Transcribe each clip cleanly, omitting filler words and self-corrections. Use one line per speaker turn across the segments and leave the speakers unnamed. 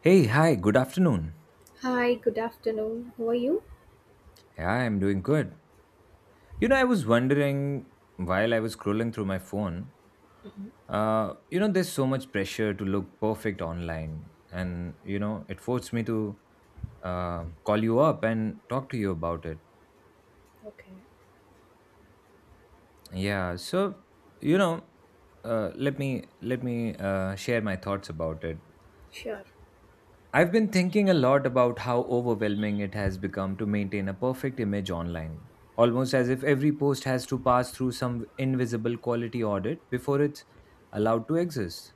Hey, hi, good afternoon.
Hi, good afternoon. How are you?
Yeah, I'm doing good. You know, I was wondering while I was scrolling through my phone,
Mhm.
you know, there's so much pressure to look perfect online. And, you know, it forced me to call you up and talk to you about it.
Okay,
Yeah, so, you know, uh, let me share my thoughts about it.
sure.
I've been thinking a lot about how overwhelming it has become to maintain a perfect image online, almost as if every post has to pass through some invisible quality audit before it's allowed to exist.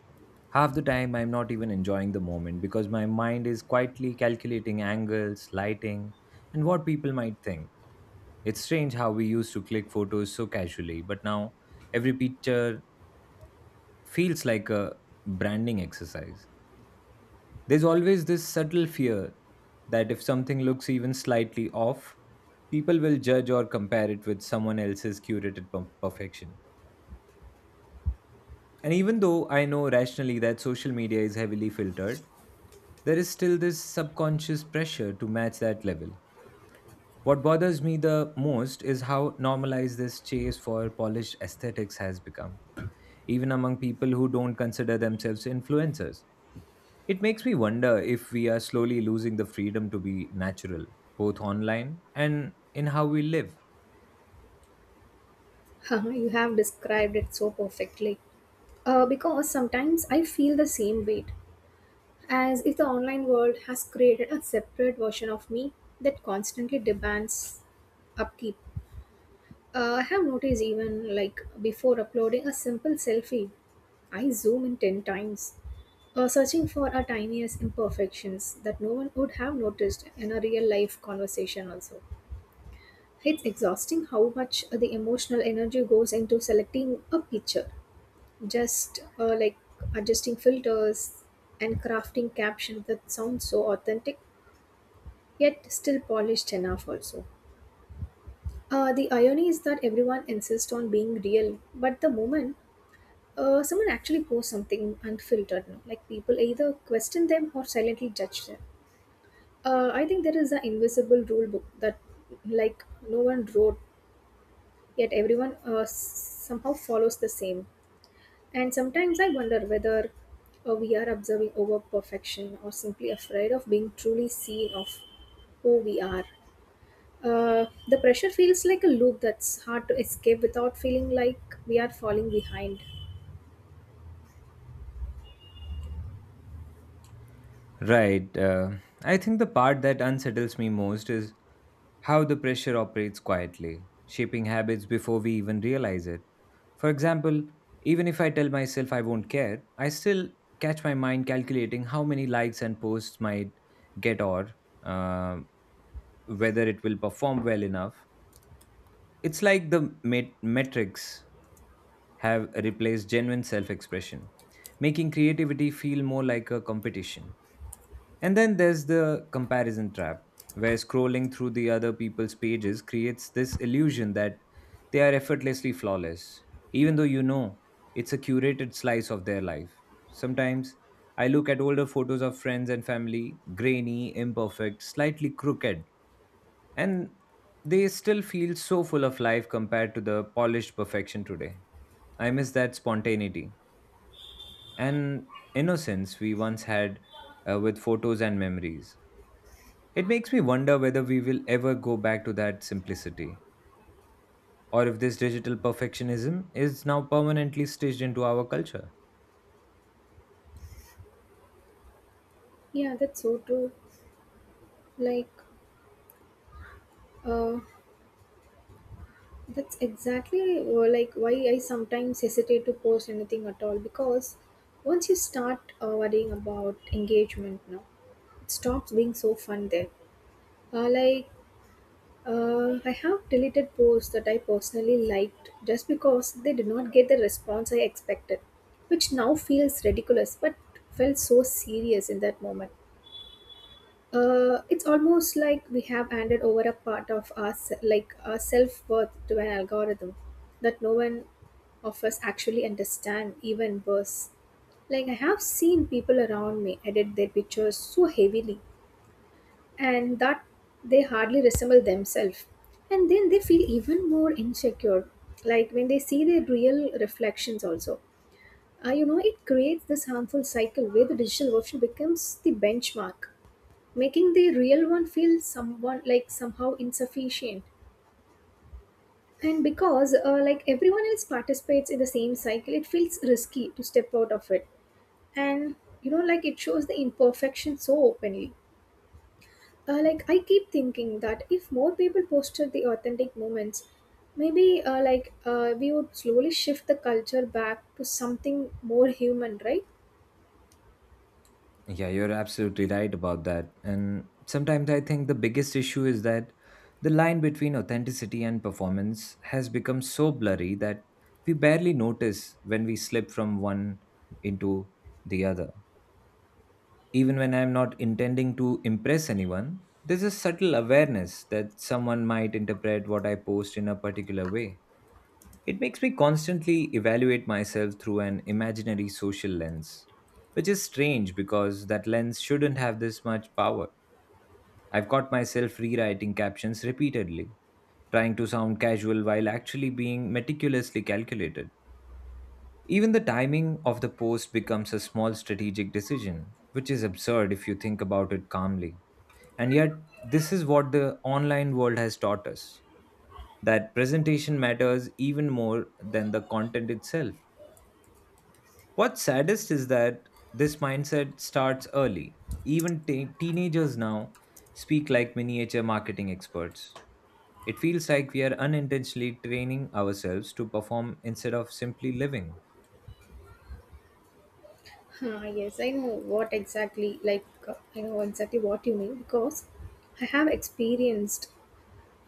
Half the time, I'm not even enjoying the moment because my mind is quietly calculating angles, lighting, and what people might think. It's strange how we used to click photos so casually, but now every picture feels like a branding exercise. There's always this subtle fear that if something looks even slightly off, people will judge or compare it with someone else's curated perfection. And even though I know rationally that social media is heavily filtered, there is still this subconscious pressure to match that level. What bothers me the most is how normalized this chase for polished aesthetics has become, even among people who don't consider themselves influencers. It makes me wonder if we are slowly losing the freedom to be natural, both online and in how we live.
Haha, you have described it so perfectly. Because sometimes I feel the same weight, as if the online world has created a separate version of me that constantly demands upkeep. I have noticed even like before uploading a simple selfie, I zoom in 10 times, searching for our tiniest imperfections that no one would have noticed in a real life conversation, also. It's exhausting how much the emotional energy goes into selecting a picture, just like adjusting filters and crafting captions that sound so authentic yet still polished enough, also. The irony is that everyone insists on being real, but the moment someone actually posts something unfiltered, no? Like people either question them or silently judge them. I think there is an invisible rule book that, like, no one wrote yet everyone somehow follows the same. And sometimes I wonder whether we are observing over perfection or simply afraid of being truly seen of who we are. The pressure feels like a loop that's hard to escape without feeling like we are falling behind.
Right. I think the part that unsettles me most is how the pressure operates quietly, shaping habits before we even realize it. For example, even if I tell myself I won't care, I still catch my mind calculating how many likes and posts might get or uh, whether it will perform well enough. It's like the metrics have replaced genuine self expression, making creativity feel more like a competition. And then there's the comparison trap, where scrolling through the other people's pages creates this illusion that they are effortlessly flawless, even though you know it's a curated slice of their life. Sometimes I look at older photos of friends and family, grainy, imperfect, slightly crooked, and they still feel so full of life compared to the polished perfection today. I miss that spontaneity and innocence we once had with photos and memories. It makes me wonder whether we will ever go back to that simplicity or if this digital perfectionism is now permanently stitched into our culture.
Yeah, that's so true. Like, uh, that's exactly like why I sometimes hesitate to post anything at all because once you start worrying about engagement now stops being so fun there. Uh, like, I have deleted posts that I personally liked just because they did not get the response I expected, which now feels ridiculous but felt so serious in that moment. It's almost like we have handed over a part of like our self worth to an algorithm that no one of us actually understand. Even worse, like I have seen people around me edit their pictures so heavily and that they hardly resemble themselves. And then they feel even more insecure, like when they see their real reflections, also. You know, it creates this harmful cycle where the digital version becomes the benchmark, making the real one feel someone like somehow insufficient. And because like everyone else participates in the same cycle, it feels risky to step out of it. And you know, like it shows the imperfection so openly. Like I keep thinking that if more people posted the authentic moments, maybe we would slowly shift the culture back to something more human, right?
Yeah, you're absolutely right about that. And sometimes I think the biggest issue is that the line between authenticity and performance has become so blurry that we barely notice when we slip from one into the other. Even when I'm not intending to impress anyone, there's a subtle awareness that someone might interpret what I post in a particular way. It makes me constantly evaluate myself through an imaginary social lens, which is strange because that lens shouldn't have this much power. I've caught myself rewriting captions repeatedly, trying to sound casual while actually being meticulously calculated. Even the timing of the post becomes a small strategic decision, which is absurd if you think about it calmly. And yet, this is what the online world has taught us, that presentation matters even more than the content itself. What's saddest is that this mindset starts early. Even teenagers now speak like miniature marketing experts. It feels like we are unintentionally training ourselves to perform instead of simply living.
Huh, yes, I know exactly what you mean because I have experienced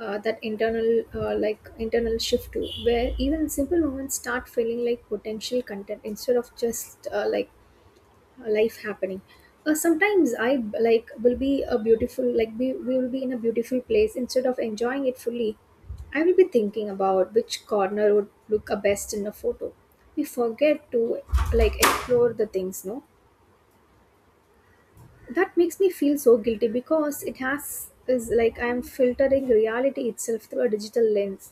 that internal shift too, where even simple moments start feeling like potential content instead of just like life happening. Sometimes I like will be a beautiful like be, we will be in a beautiful place. Instead of enjoying it fully, I will be thinking about which corner would look a best in a photo. We forget to like explore the things, no? That makes me feel so guilty because it has is like I am filtering reality itself through a digital lens.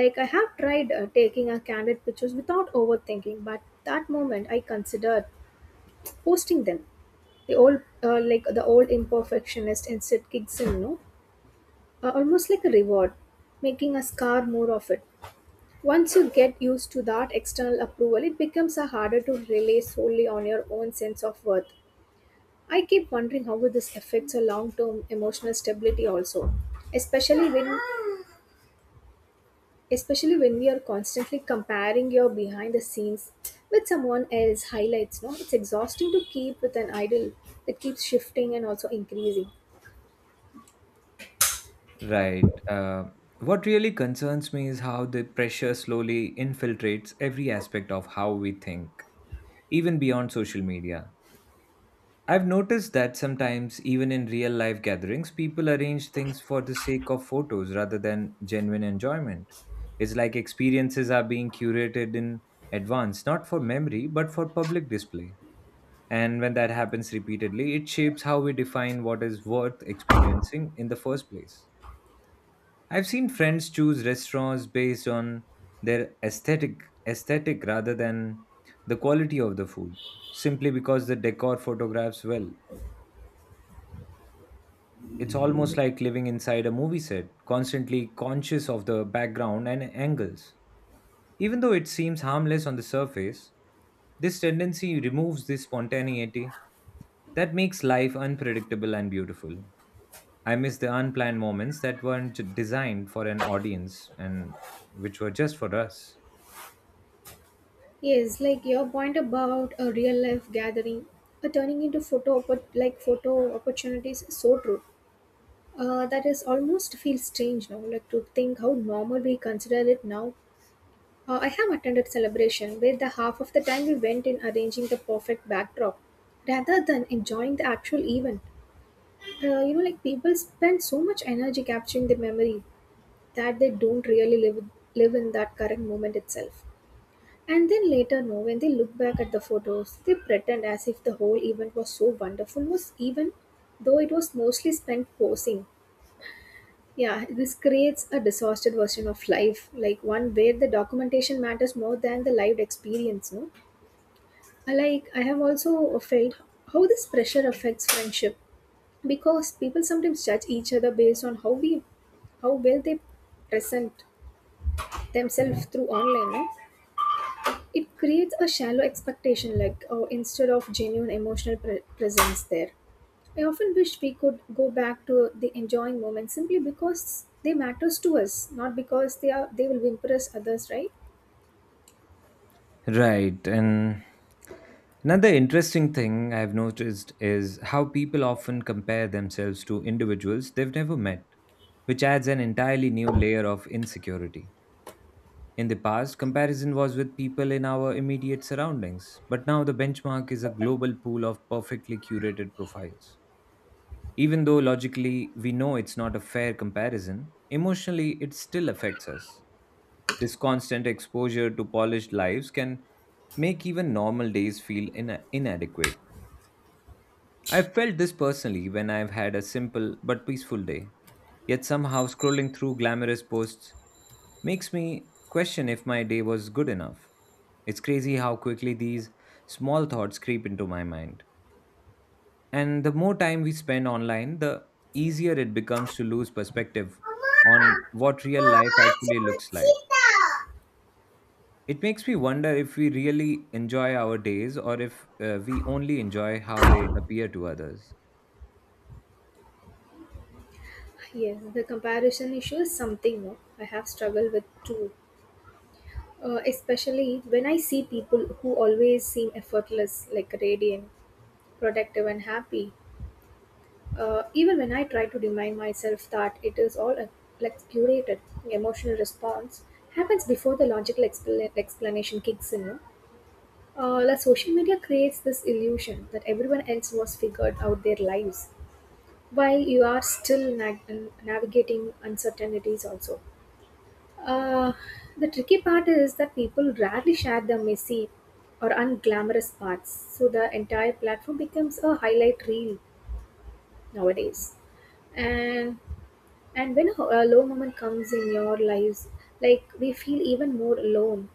Like I have tried taking a candid pictures without overthinking, but that moment I considered posting them. The old, the old imperfectionist instinct kicks in, no? Almost like a reward, making a scar more of it. Once you get used to that external approval, it becomes a harder to rely solely on your own sense of worth. I keep wondering how will this affects your long-term emotional stability also, especially when especially when we are constantly comparing your behind the scenes with someone else highlights, no? It's exhausting to keep with an idol that keeps shifting and also increasing.
Right. What really concerns me is how the pressure slowly infiltrates every aspect of how we think, even beyond social media. I've noticed that sometimes, even in real life gatherings, people arrange things for the sake of photos rather than genuine enjoyment. It's like experiences are being curated in advance, not for memory, but for public display. And when that happens repeatedly, it shapes how we define what is worth experiencing in the first place. I've seen friends choose restaurants based on their aesthetic rather than the quality of the food, simply because the decor photographs well. It's almost like living inside a movie set, constantly conscious of the background and angles. Even though it seems harmless on the surface, this tendency removes the spontaneity that makes life unpredictable and beautiful. I miss the unplanned moments that weren't designed for an audience and which were just for us.
Yes, like your point about a real life gathering, a turning into like photo opportunities is so true. That is almost feels strange now, like to think how normal we consider it now. I have attended celebration where the half of the time we went in arranging the perfect backdrop rather than enjoying the actual event. You know, like people spend so much energy capturing the memory that they don't really live in that current moment itself. And then later, no, when they look back at the photos, they pretend as if the whole event was so wonderful, was even though it was mostly spent posing. Yeah, this creates a distorted version of life, like one where the documentation matters more than the lived experience. No, I like I have also felt how this pressure affects friendship because people sometimes judge each other based on how well they present themselves through online. No? It creates a shallow expectation, like oh, instead of genuine presence there. I often wish we could go back to the enjoying moment simply because they matters to us, not because they will impress others, right?
Right, and another interesting thing I've noticed is how people often compare themselves to individuals they've never met, which adds an entirely new layer of insecurity. In the past, comparison was with people in our immediate surroundings, but now the benchmark is a global pool of perfectly curated profiles. Even though logically we know it's not a fair comparison, emotionally it still affects us. This constant exposure to polished lives can make even normal days feel inadequate. I've felt this personally when I've had a simple but peaceful day. Yet somehow scrolling through glamorous posts makes me question if my day was good enough. It's crazy how quickly these small thoughts creep into my mind. And the more time we spend online, the easier it becomes to lose perspective on what real life actually looks like. It makes me wonder if we really enjoy our days or if we only enjoy how they appear to others.
Yes, the comparison issue is something, no, I have struggled with too. Especially when I see people who always seem effortless, like radiant, productive, and happy. Even when I try to remind myself that it is all a like curated emotional response happens before the explanation kicks in. No? Like social media creates this illusion that everyone else was figured out their lives while you are still navigating uncertainties also. Uh, the tricky part is that people rarely share the messy or unglamorous parts, so the entire platform becomes a highlight reel nowadays. And And when a low moment comes in your lives, like we feel even more alone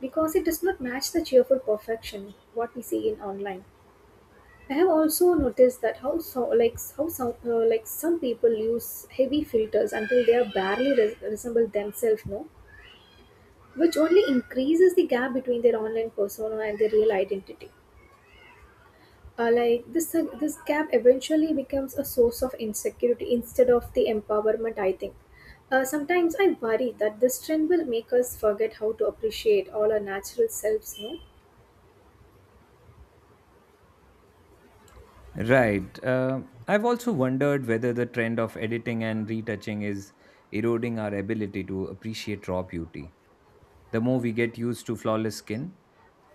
because it does not match the cheerful perfection what we see in online. I have also noticed that how so, like how some like some people use heavy filters until they are barely resemble themselves, no, which only increases the gap between their online persona and their real identity. This gap eventually becomes a source of insecurity instead of the empowerment, I think. Sometimes I worry that this trend will make us forget how to appreciate all our natural selves, no?
Right. I've also wondered whether the trend of editing and retouching is eroding our ability to appreciate raw beauty. The more we get used to flawless skin,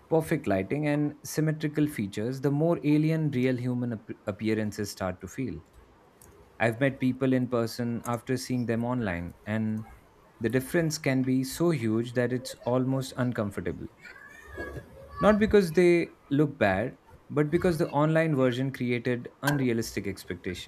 perfect lighting, and symmetrical features, the more alien real human appearances start to feel. I've met people in person after seeing them online, and the difference can be so huge that it's almost uncomfortable. Not because they look bad, but because the online version created unrealistic expectation.